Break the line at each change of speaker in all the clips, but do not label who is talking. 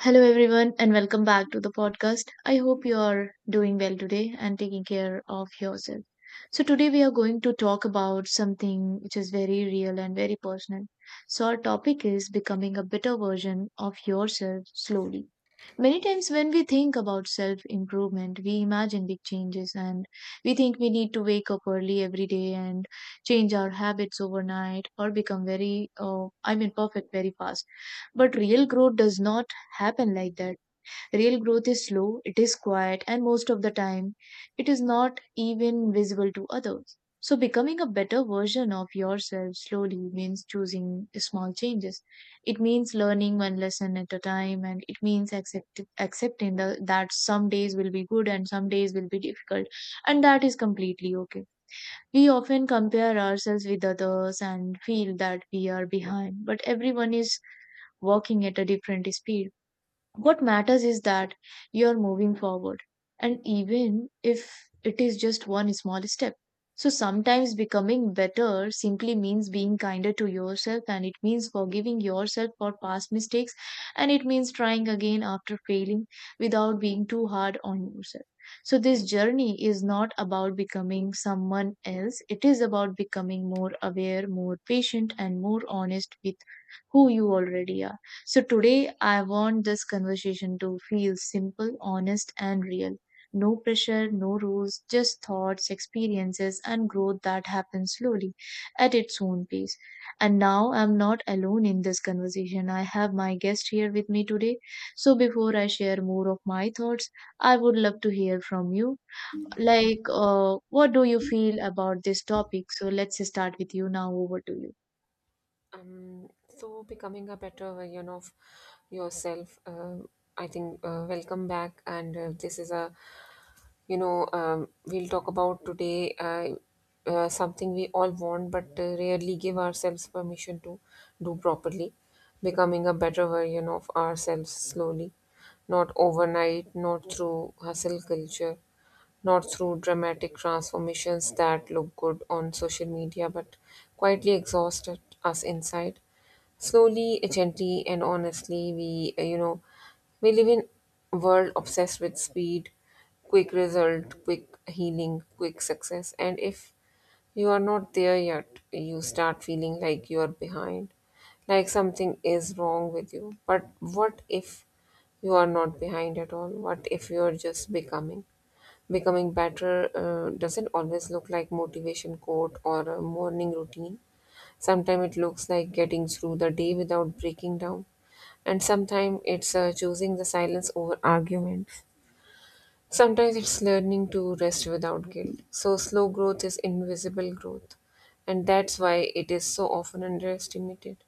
Hello, everyone, and welcome back to the podcast. I hope you are doing well today and taking care of yourself. So, today we are going to talk about something which is very real and very personal. So, our topic is becoming a better version of yourself slowly. Many times, when we think about self improvement, we imagine big changes, and we think we need to wake up early every day and change our habits overnight or become very, perfect very fast, but real growth does not happen like that. Real growth is slow, it is quiet, and most of the time, it is not even visible to others. So, becoming a better version of yourself slowly means choosing small changes. It means learning one lesson at a time, and it means accepting that some days will be good and some days will be difficult, and that is completely okay. We often compare ourselves with others and feel that we are behind, but everyone is walking at a different speed. What matters is that you're moving forward, and even if it is just one small step. So sometimes becoming better simply means being kinder to yourself, and it means forgiving yourself for past mistakes, and it means trying again after failing without being too hard on yourself. So, this journey is not about becoming someone else, it is about becoming more aware, more patient, and more honest with who you already are. So today I want this conversation to feel simple, honest, and real. No pressure, no rules, just thoughts, experiences, and growth that happens slowly at its own pace. And now I'm not alone in this conversation. I have my guest here with me today. So before I share more of my thoughts, I would love to hear from you. Like, what do you feel about this topic? So let's start with you now. Over to you.
um, so becoming a better version of yourself, I think welcome back. And this is a you know We'll talk about today something we all want but rarely give ourselves permission to do properly: becoming a better version of ourselves slowly. Not overnight, not through hustle culture, not through dramatic transformations that look good on social media, but quietly us inside. Slowly, gently, and honestly. We live in a world obsessed with speed, quick result, quick healing, quick success. And if you are not there yet, you start feeling like you are behind, like something is wrong with you. But what if you are not behind at all? What if you are just becoming? Becoming better doesn't always look like motivation quote or a morning routine. Sometimes it looks like getting through the day without breaking down, and sometimes it's choosing the silence over arguments. Sometimes it's learning to rest without guilt. So slow growth is invisible growth, and that's why it is so often underestimated.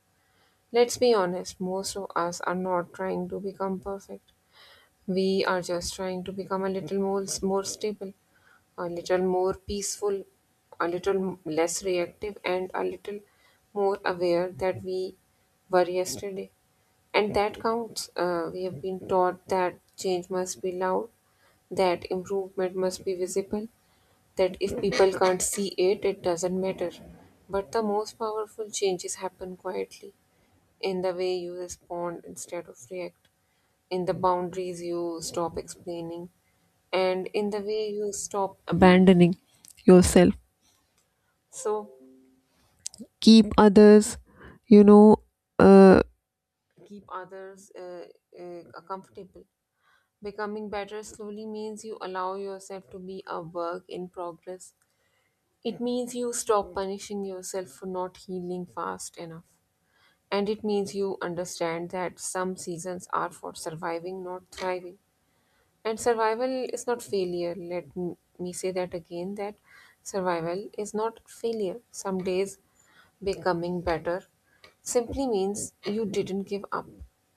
Let's be honest, most of us are not trying to become perfect. We are just trying to become more stable, a little more peaceful, a little less reactive, and a little more aware that we were yesterday. And that counts. We have been taught that change must be loud, that improvement must be visible, that if people can't see it, it doesn't matter. But the most powerful changes happen quietly, in the way you respond instead of react, in the boundaries you stop explaining, and in the way you stop abandoning yourself. So, keep others, you know uh, keep others comfortable. Becoming better slowly means you allow yourself to be a work in progress. It means you stop punishing yourself for not healing fast enough. And it means you understand that some seasons are for surviving, not thriving. And survival is not failure. Let me say that again, that survival is not failure. Some days becoming better simply means you didn't give up,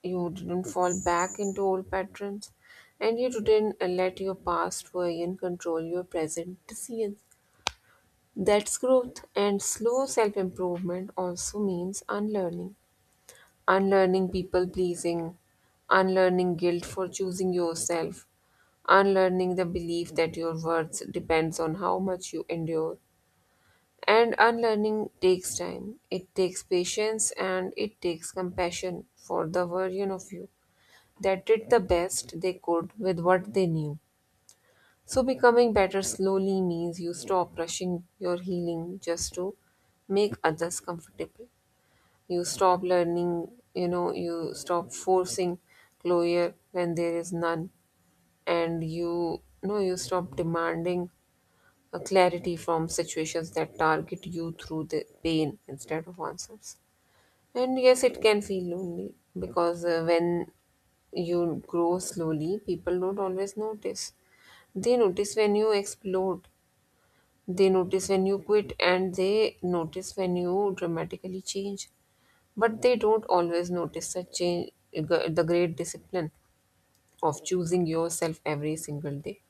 you didn't fall back into old patterns, and you didn't let your past worry and control your present decisions. That's growth. And slow self improvement also means unlearning, unlearning people pleasing, unlearning guilt for choosing yourself, unlearning the belief that your worth depends on how much you endure. And unlearning takes time, it takes patience, and it takes compassion for the version of you that did the best they could with what they knew. So, becoming better slowly means you stop rushing your healing just to make others comfortable. You stop learning, you know, You stop forcing closure when there is none, and you stop demanding a clarity from situations that target you through the pain instead of answers. And yes, it can feel lonely, because when you grow slowly, people don't always notice. They notice when you explode, they notice when you quit, and they notice when you dramatically change. But they don't always notice the change, the great discipline of choosing yourself every single day.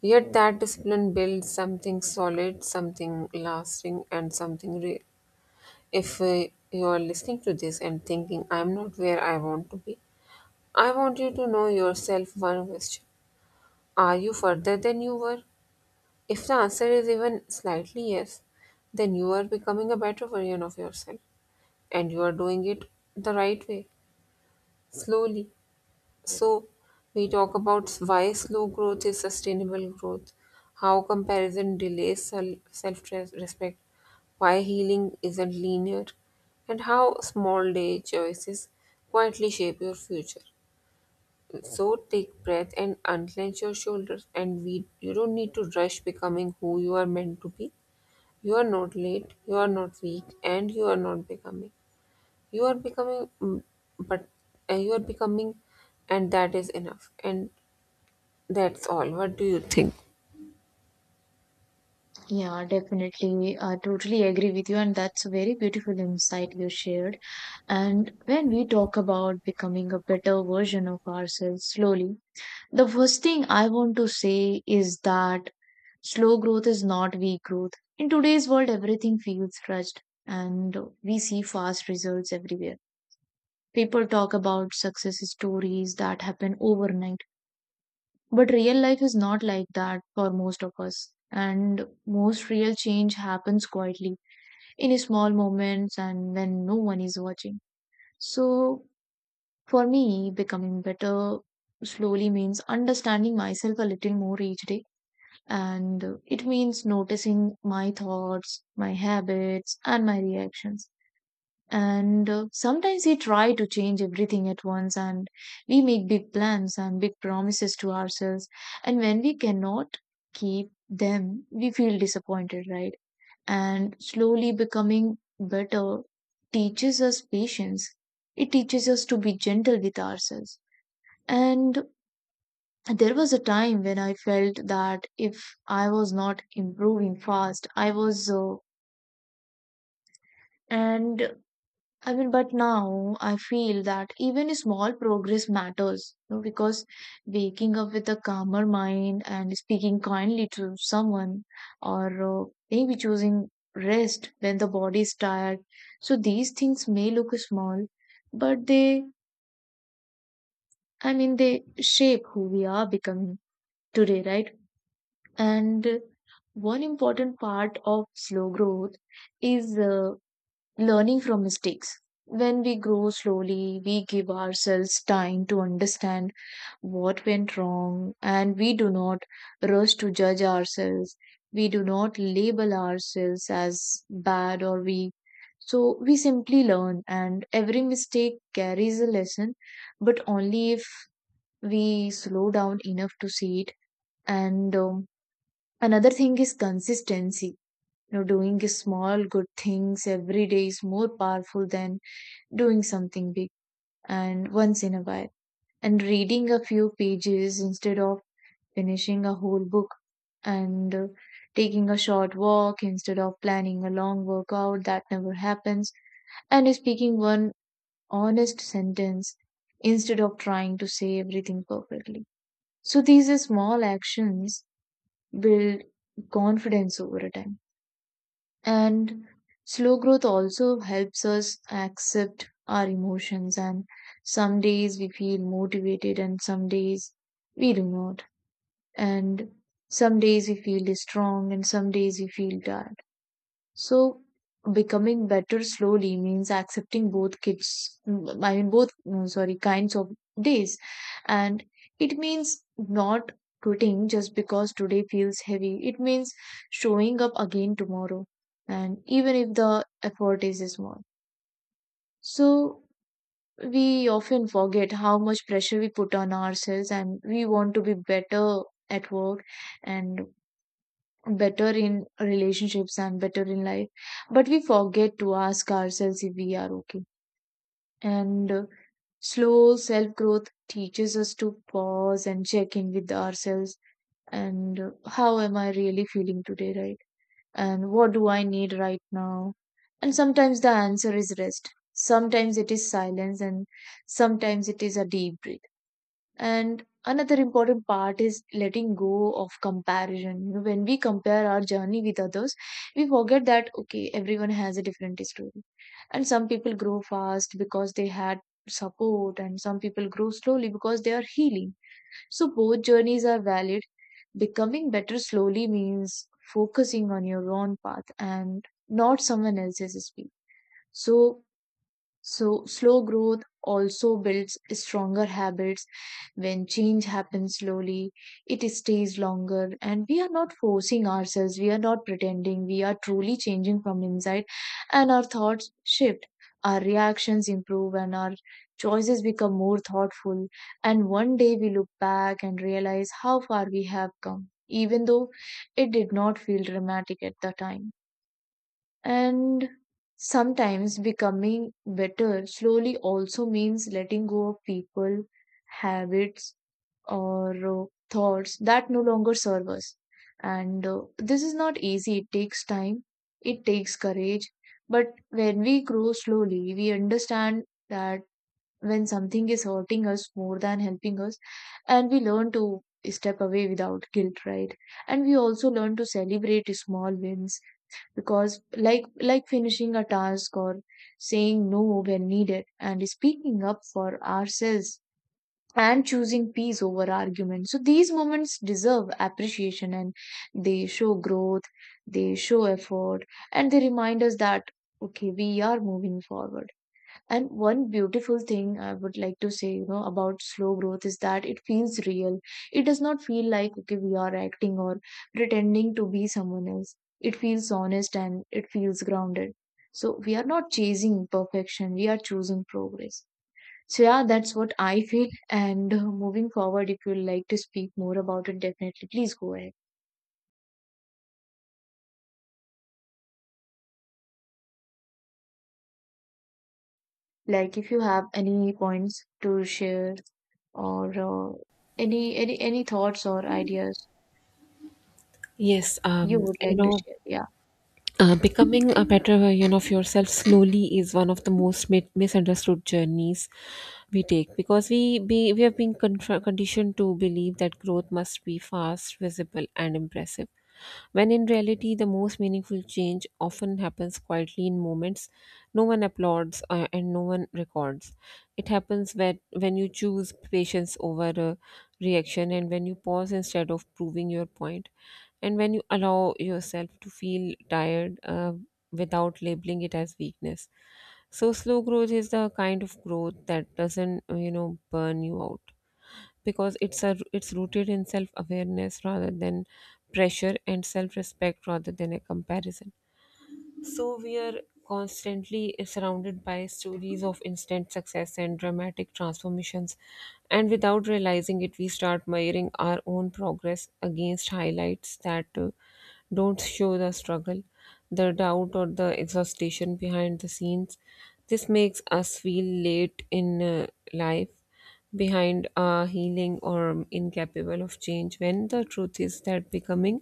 Yet that discipline builds something solid, something lasting, and something real. If you are listening to this and thinking, "I'm not where I want to be," I want you to know yourself one question: are you further than you were? If the answer is even slightly yes, then you are becoming a better version of yourself, and you are doing it the right way, slowly. So, we talk about why slow growth is sustainable growth, how comparison delays self respect, why healing isn't linear, and how small day choices quietly shape your future. So, take breath and unclench your shoulders, and you don't need to rush becoming who you are meant to be. You are not late, you are not weak, and you are not becoming. You are becoming, mm, but you are becoming, and that is enough. And that's all. What do you think?
Yeah, definitely. I totally agree with you, and that's a very beautiful insight you shared. And when we talk about becoming a better version of ourselves slowly, the first thing I want to say is that slow growth is not weak growth. In today's world, everything feels rushed, and we see fast results everywhere. People talk about success stories that happen overnight, but real life is not like that for most of us. And most real change happens quietly, in small moments and when no one is watching. So, for me, becoming better slowly means understanding myself a little more each day. And it means noticing my thoughts, my habits, and my reactions. And sometimes we try to change everything at once, and we make big plans and big promises to ourselves. And when we cannot keep them, we feel disappointed, right? And slowly becoming better teaches us patience. It teaches us to be gentle with ourselves. And there was a time when I felt that if I was not improving fast, I was. and but now I feel that even small progress matters, you know, because waking up with a calmer mind and speaking kindly to someone, or maybe choosing rest when the body is tired. So these things may look small, but they they shape who we are becoming today, right? And one important part of slow growth is learning from mistakes. When we grow slowly, we give ourselves time to understand what went wrong, and we do not rush to judge ourselves. We do not label ourselves as bad or weak. So we simply learn, and every mistake carries a lesson, but only if we slow down enough to see it. And Another thing is consistency. You know, doing small good things every day is more powerful than doing something big and once in a while, and reading a few pages instead of finishing a whole book, and taking a short walk instead of planning a long workout that never happens, and speaking one honest sentence instead of trying to say everything perfectly. So these small actions build confidence over a time. And slow growth also helps us accept our emotions. And some days we feel motivated, and some days we do not. And some days we feel strong, and some days we feel tired. So becoming better slowly means accepting both kids, mm, I mean, both, sorry, kinds of days. And it means not quitting just because today feels heavy. It means showing up again tomorrow. And even if the effort is small. So we often forget how much pressure we put on ourselves, and we want to be better at work, and better in relationships, and better in life, but we forget to ask ourselves if we are okay. And slow self growth teaches us to pause and check in with ourselves. And How am I really feeling today, right? And what do I need right now? And sometimes the answer is rest, sometimes it is silence, and sometimes it is a deep breath. And another important part is letting go of comparison. You know, when we compare our journey with others, we forget that, okay, everyone has a different story. And some people grow fast because they had support, and some people grow slowly because they are healing. So both journeys are valid. Becoming better slowly means focusing on your own path and not someone else's speed. So so, slow growth also builds stronger habits. When change happens slowly, it stays longer, and we are not forcing ourselves, we are not pretending, we are truly changing from inside, and our thoughts shift, our reactions improve, and our choices become more thoughtful. And one day we look back and realize how far we have come, even though it did not feel dramatic at the time. And sometimes becoming better slowly also means letting go of people, habits, or thoughts that no longer serve us. And This is not easy, it takes time, it takes courage. But when we grow slowly, we understand that when something is hurting us more than helping us, and we learn to step away without guilt, right? And we also learn to celebrate small wins because like finishing a task, or saying no when needed, and speaking up for ourselves, and choosing peace over argument. So these moments deserve appreciation, and they show growth, they show effort, and they remind us that, okay, we are moving forward. And one beautiful thing I would like to say, you know, about slow growth is that it feels real. It does not feel like, okay, we are acting or pretending to be someone else. It feels honest and it feels grounded. So we are not chasing perfection, we are choosing progress. So, yeah, that's what I feel. And moving forward, if you'd like to speak more about it, definitely please go ahead. Like, if you have any points to share, or any thoughts or ideas
Yes,
you
um,
would
you
like to
know,
share? Yeah.
Becoming a better version of yourself slowly is one of the most misunderstood journeys we take, because we have been conditioned to believe that growth must be fast, visible, and impressive, when in reality, the most meaningful change often happens quietly, in moments no one applauds and no one records. It happens when you choose patience over reaction, and when you pause instead of proving your point, and when you allow yourself to feel tired without labeling it as weakness. So, slow growth is the kind of growth that doesn't, burn you out, because it's rooted in self awareness rather than pressure, and self respect rather than a comparison. So we are constantly surrounded by stories of instant success and dramatic transformations, and without realizing it, we start measuring our own progress against highlights that don't show the struggle, the doubt, or the exhaustion behind the scenes. This makes us feel late in life, behind healing, or incapable of change, when the truth is that becoming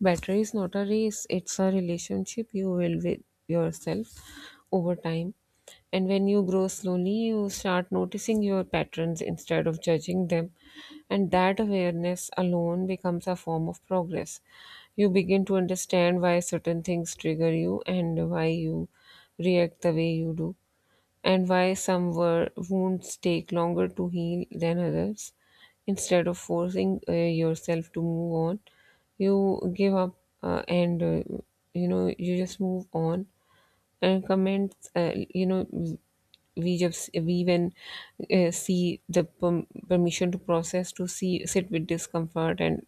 better is not a race, it's a relationship you will with yourself over time. And when you grow slowly, you start noticing your patterns instead of judging them, and that awareness alone becomes a form of progress. You begin to understand why certain things trigger you, and why you react the way you do, and why some wounds take longer to heal than others. Instead of forcing yourself to move on, you give up and you know you just move on, comments you know we just we even see the permission to process, to see, sit with discomfort, and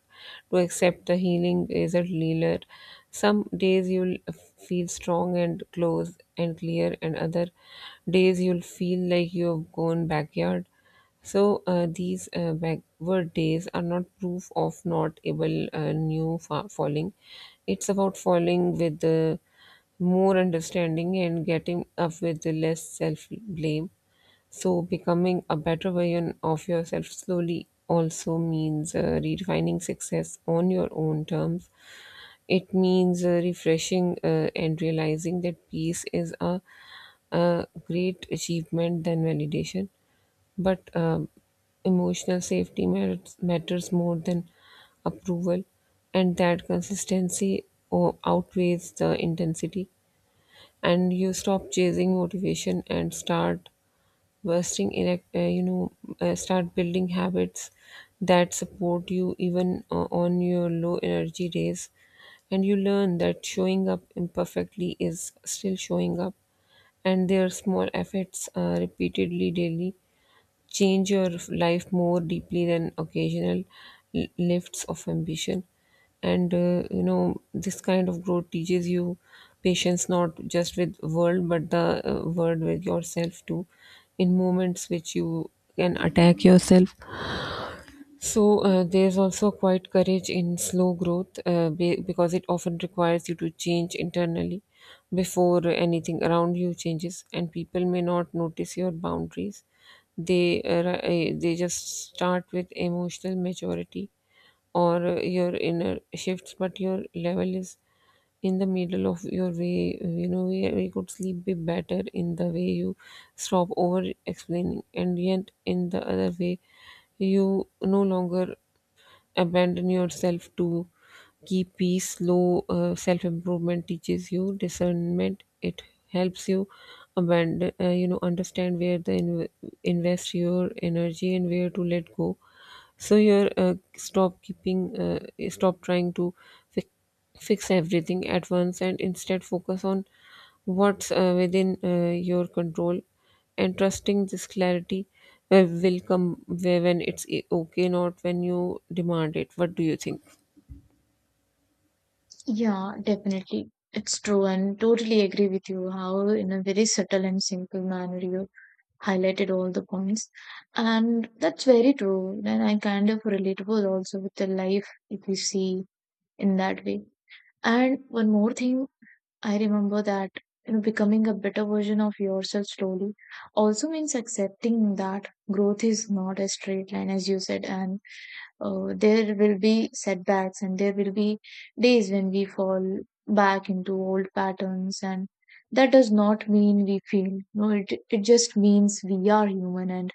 to accept the healing is a healer. Some days you'll feel strong and close and clear, and other days you'll feel like you've gone backyard. So these backward days are not proof of not able, new falling. It's about falling with the more understanding and getting up with less self blame. So, becoming a better version of yourself slowly also means redefining success on your own terms. It means refreshing and realizing that peace is a great achievement than validation. But emotional safety matters more than approval, and that consistency outweighs the intensity, and you stop chasing motivation and start investing in start building habits that support you, even on your low energy days. And you learn that showing up imperfectly is still showing up, and their small efforts repeatedly daily change your life more deeply than occasional lifts of ambition. And this kind of growth teaches you patience, not just with world but the world with yourself too. In moments which you can attack yourself. So there's also quite courage in slow growth, because it often requires you to change internally before anything around you changes, and people may not notice your boundaries. They uh, they just start with emotional maturity or your inner shifts, but your level is in the middle of your way. You know, where you could sleep be better in the way you stop over explaining, and yet in the other way you no longer abandon yourself to keep peace. Slow self improvement teaches you discernment. It helps you abandon, understand where to invest your energy and where to let go. So you're stop keeping stop trying to fi- fix everything at once, and instead focus on what's within your control, and trusting this clarity will come where when it's okay, not when you demand it. What do you think?
Yeah, definitely. It's true and totally agree with you how in a very subtle and simple manner you highlighted all the points. And that's very true. And I kind of relatable also with the life if you see in that way. And one more thing I remember that, you know, becoming a better version of yourself slowly also means accepting that growth is not a straight line, as you said, and there will be setbacks, and there will be days when we fall back into old patterns, and that does not mean we feel no it just means we are human, and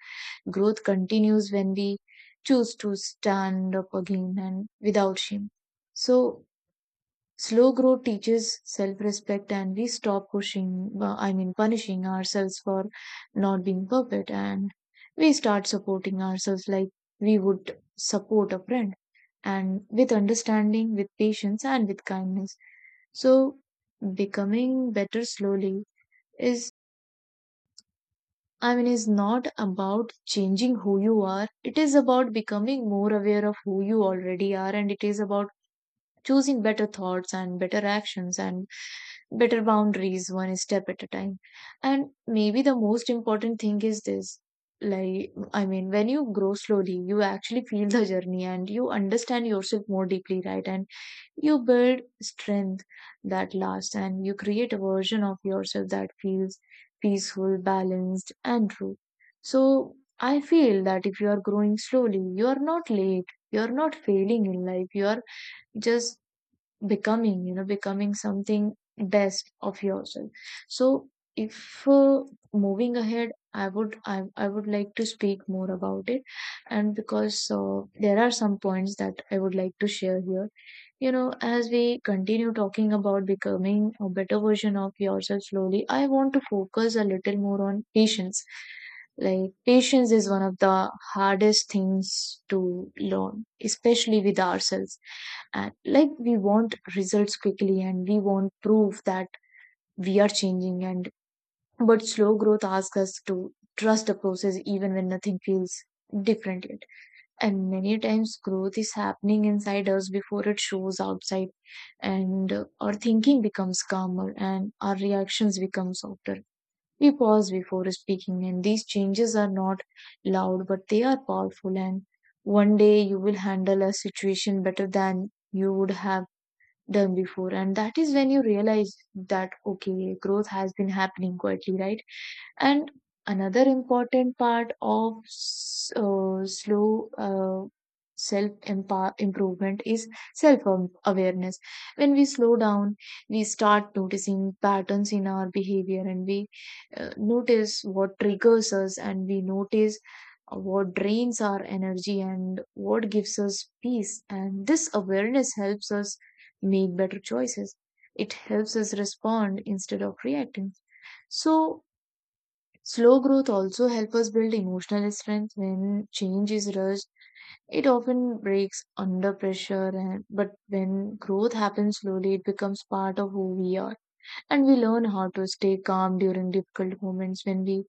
growth continues when we choose to stand up again and without shame. So slow growth teaches self respect, and we stop pushing I mean punishing ourselves for not being perfect, and we start supporting ourselves like we would support a friend, and with understanding, with patience, and with kindness. So, becoming better slowly is, is not about changing who you are. It is about becoming more aware of who you already are, and it is about choosing better thoughts and better actions and better boundaries one step at a time. And maybe the most important thing is this, when you grow slowly you actually feel the journey and you understand yourself more deeply, right? And you build strength that lasts, and you create a version of yourself that feels peaceful, balanced, and true. So, I feel that if you are growing slowly, you are not late, you are not failing in life, you are just becoming, you know, becoming something best of yourself. So, if moving ahead, I would like to speak more about it and because there are some points that I would like to share here. You know, as we continue talking about becoming a better version of yourself slowly, I want to focus a little more on patience. Like, patience is one of the hardest things to learn, especially with ourselves. And like, we want results quickly and we want proof that we are changing. And but slow growth asks us to trust the process even when nothing feels different yet. And many times, growth is happening inside us before it shows outside, and our thinking becomes calmer and our reactions become softer. We pause before speaking, and these changes are not loud but they are powerful. And one day you will handle a situation better than you would have done before, and that is when you realize that okay, growth has been happening quietly, right? And another important part of slow self improvement is self awareness. When we slow down, we start noticing patterns in our behavior, and we notice what triggers us, and we notice what drains our energy and what gives us peace. And this awareness helps us make better choices. It helps us respond instead of reacting. So, slow growth also helps us build emotional strength. When change is rushed, it often breaks under pressure, but when growth happens slowly, it becomes part of who we are. And we learn how to stay calm during difficult moments, when we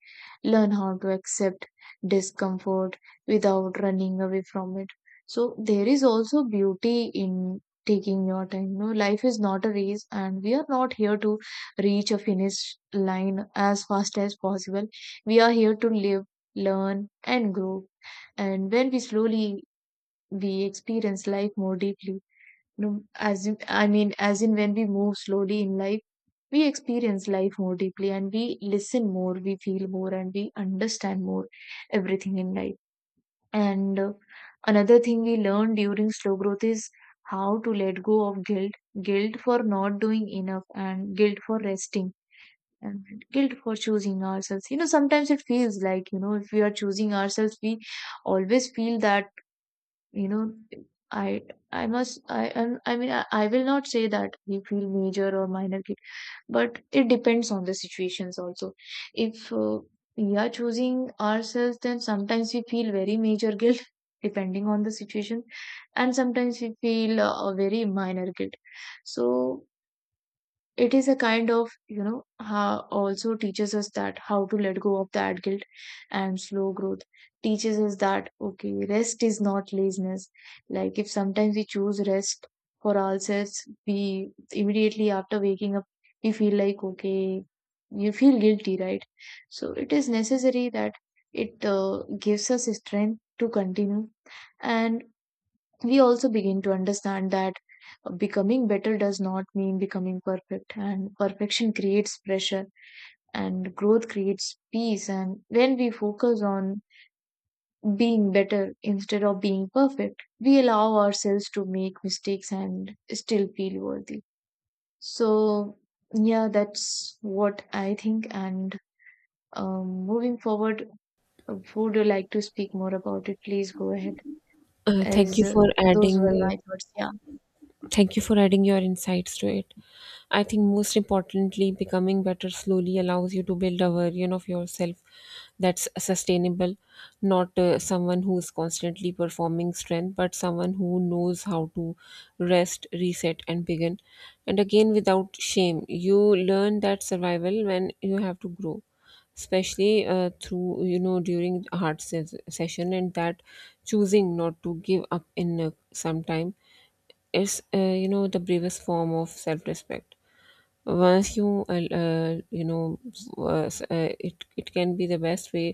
learn how to accept discomfort without running away from it. So there is also beauty in taking your time. No, life is not a race, and we are not here to reach a finish line as fast as possible. We are here to live, learn, and grow. And when we slowly we experience life more deeply, no, as in, I mean, as in when we move slowly in life, we experience life more deeply, and we listen more, we feel more, and we understand more everything in life. And another thing we learn during slow growth is how to let go of guilt: guilt for not doing enough, and guilt for resting, and guilt for choosing ourselves. You know, sometimes it feels like, you know, if we are choosing ourselves, we always feel that, you know, I I must I I'm- I mean I will not say that we feel major or minor guilt, but it depends on the situations also. If we are choosing ourselves, then sometimes we feel very major guilt depending on the situation, and sometimes we feel a very minor guilt. So it is a kind of, you know, how also teaches us that how to let go of that guilt. And slow growth teaches us that okay, rest is not laziness. Like if sometimes we choose rest for ourselves, we immediately after waking up we feel like okay, you feel guilty, right? So it is necessary that it gives us strength to continue. And we also begin to understand that becoming better does not mean becoming perfect, and perfection creates pressure and growth creates peace. And when we focus on being better instead of being perfect, we allow ourselves to make mistakes and still feel worthy. So yeah, that's what I think. And moving forward, would you like to speak more about it? Please go ahead.
uh, thank
As
you for
those were
adding
my thoughts, yeah.
Thank you for adding your insights to it. I think most importantly, becoming better slowly allows you to build a version of yourself that's sustainable, not someone who's constantly performing strength, but someone who knows how to rest, reset, and begin. And again, without shame, you learn that survival when you have to grow especially through during hard session, and that choosing not to give up in some time is the bravest form of self-respect. Once you you know s- it it can be the best way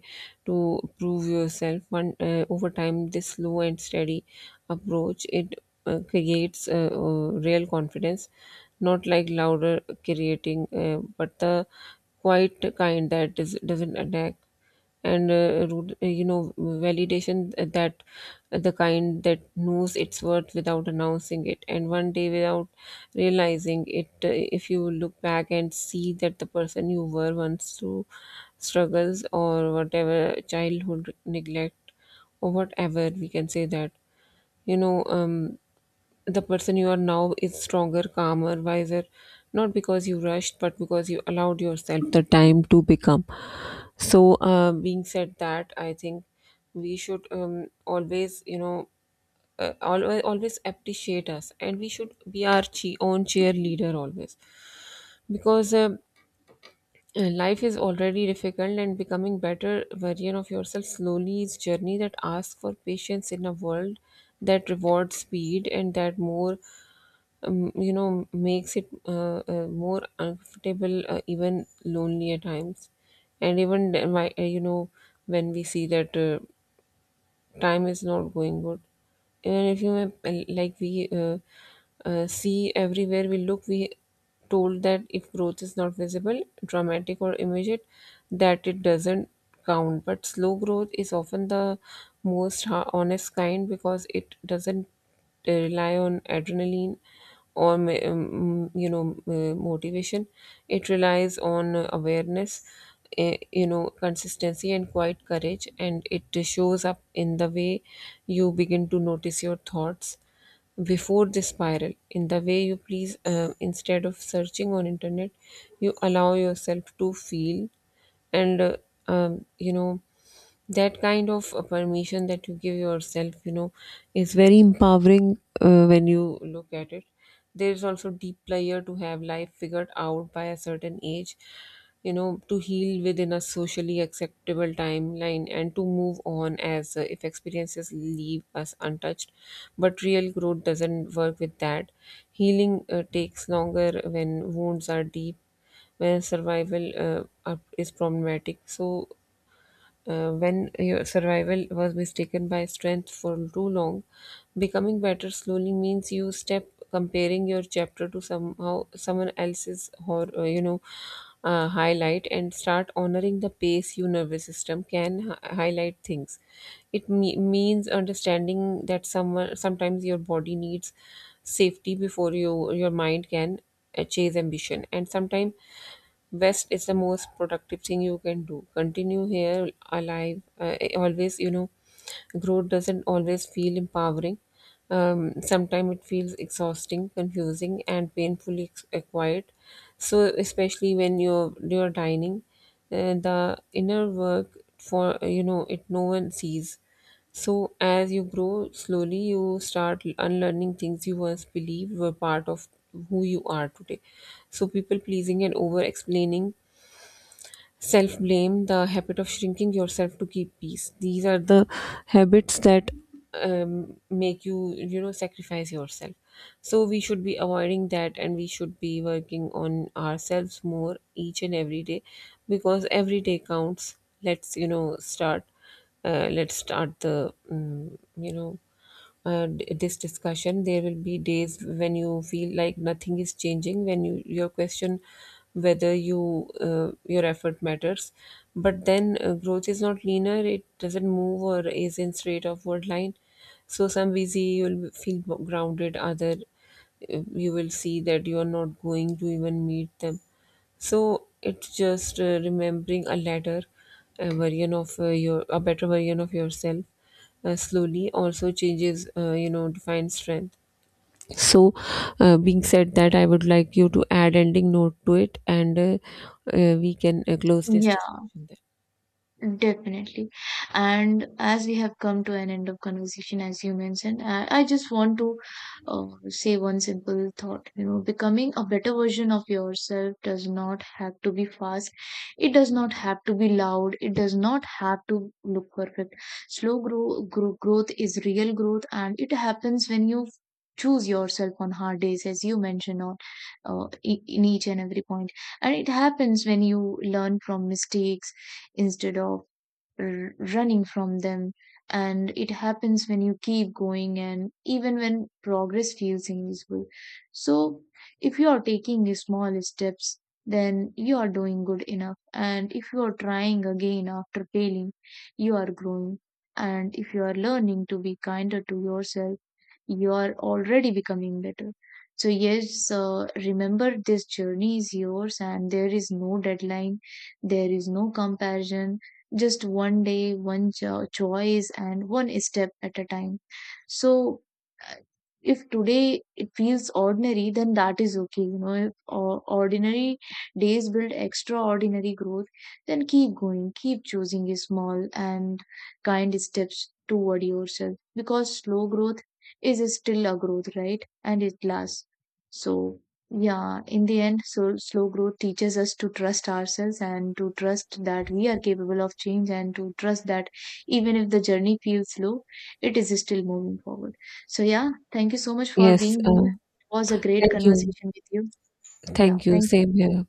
to prove yourself one over time. This slow and steady approach, it creates real confidence, not like louder creating, but the quiet kind that doesn't attack and rude, validation. That the kind that knows its worth without announcing it, and one day without realizing it if you look back and see that the person you were once through struggles or whatever childhood neglect or whatever, we can say that you know um the person you are now is stronger, calmer, wiser, not because you rushed, but because you allowed yourself the time to become. So, being said that, I think we should always, you know, always appreciate us, and we should be our own cheerleader always, because life is already difficult, and becoming better version of yourself slowly is journey that asks for patience in a world that rewards speed. And that more makes it more uncomfortable, even lonely at times. And even my, when we see that time is not going good, even if you like we see everywhere we look, we told that if growth is not visible, dramatic, or immediate, that it doesn't count. But slow growth is often the most honest kind, because it doesn't, they rely on adrenaline or motivation. It relies on awareness, consistency, and quiet courage. And it shows up in the way you begin to notice your thoughts before they spiral, in the way you please, instead of searching on internet, you allow yourself to feel. And um, you know that kind of permission that you give yourself is very empowering when you look at it. There is also deep player to have life figured out by a certain age, you know, to heal within a socially acceptable timeline, and to move on as if experiences leave us untouched. But real growth doesn't work with that. Healing takes longer when wounds are deep, where survival is problematic. So when your survival was mistaken by strength for too long, becoming better slowly means you step comparing your chapter to somehow someone else's, or highlight, and start honoring the pace your nervous system can highlight things. It means understanding that someone sometimes your body needs safety before your mind can chase ambition, and sometimes West is the most productive thing you can do. Continue here alive. Always, you know, growth doesn't always feel empowering. Sometimes it feels exhausting, confusing, and painfully acquired. So, especially when you're dining, the inner work for you know it no one sees. So, as you grow slowly, you start unlearning things you once believed were part of who you are today. So, people pleasing and over explaining, self blame, the habit of shrinking yourself to keep peace. These are the habits that make you, you know, sacrifice yourself. So we should be avoiding that, and we should be working on ourselves more each and every day, because every day counts. Let's, you know, start. Let's start the, this discussion. There will be days when you feel like nothing is changing, when you your question whether your effort matters. But then growth is not linear, it doesn't move or is in straight upward line. So some busy you'll feel grounded, other you will see that you are not going to even meet them. So it's just remembering a latter, a version of your a better version of yourself slowly also changes defines strength. So, being said that, I would like you to add ending note to it, and we can close this
Yeah.
discussion there.
Definitely. And as we have come to an end of conversation, as you mentioned, I just want to say one simple thought. You know, becoming a better version of yourself does not have to be fast. It does not have to be loud. It does not have to look perfect. Slow growth is real growth, and it happens when you choose yourself on hard days, as you mentioned on in each and every point. And it happens when you learn from mistakes instead of running from them. And it happens when you keep going, and even when progress feels invisible. So if you are taking small steps, then you are doing good enough. And if you are trying again after failing, you are growing. And if you are learning to be kinder to yourself, you are already becoming better. So yes, remember this journey is yours, and there is no deadline, there is no comparison, just one day, one choice, and one step at a time. So, uh, if today it feels ordinary, then that is okay. You know, if ordinary days build extraordinary growth, then keep going, keep choosing small and kind steps toward yourself, because slow growth is still a growth, right? And it lasts. So, yeah, in the end, so slow growth teaches us to trust ourselves, and to trust that we are capable of change, and to trust that even if the journey feels slow, it is still moving forward. So, yeah, thank you so much for
Yes.
being here. It was a great
Thank you.
conversation with you. Yeah,
Thank you.
thank you.
Same here.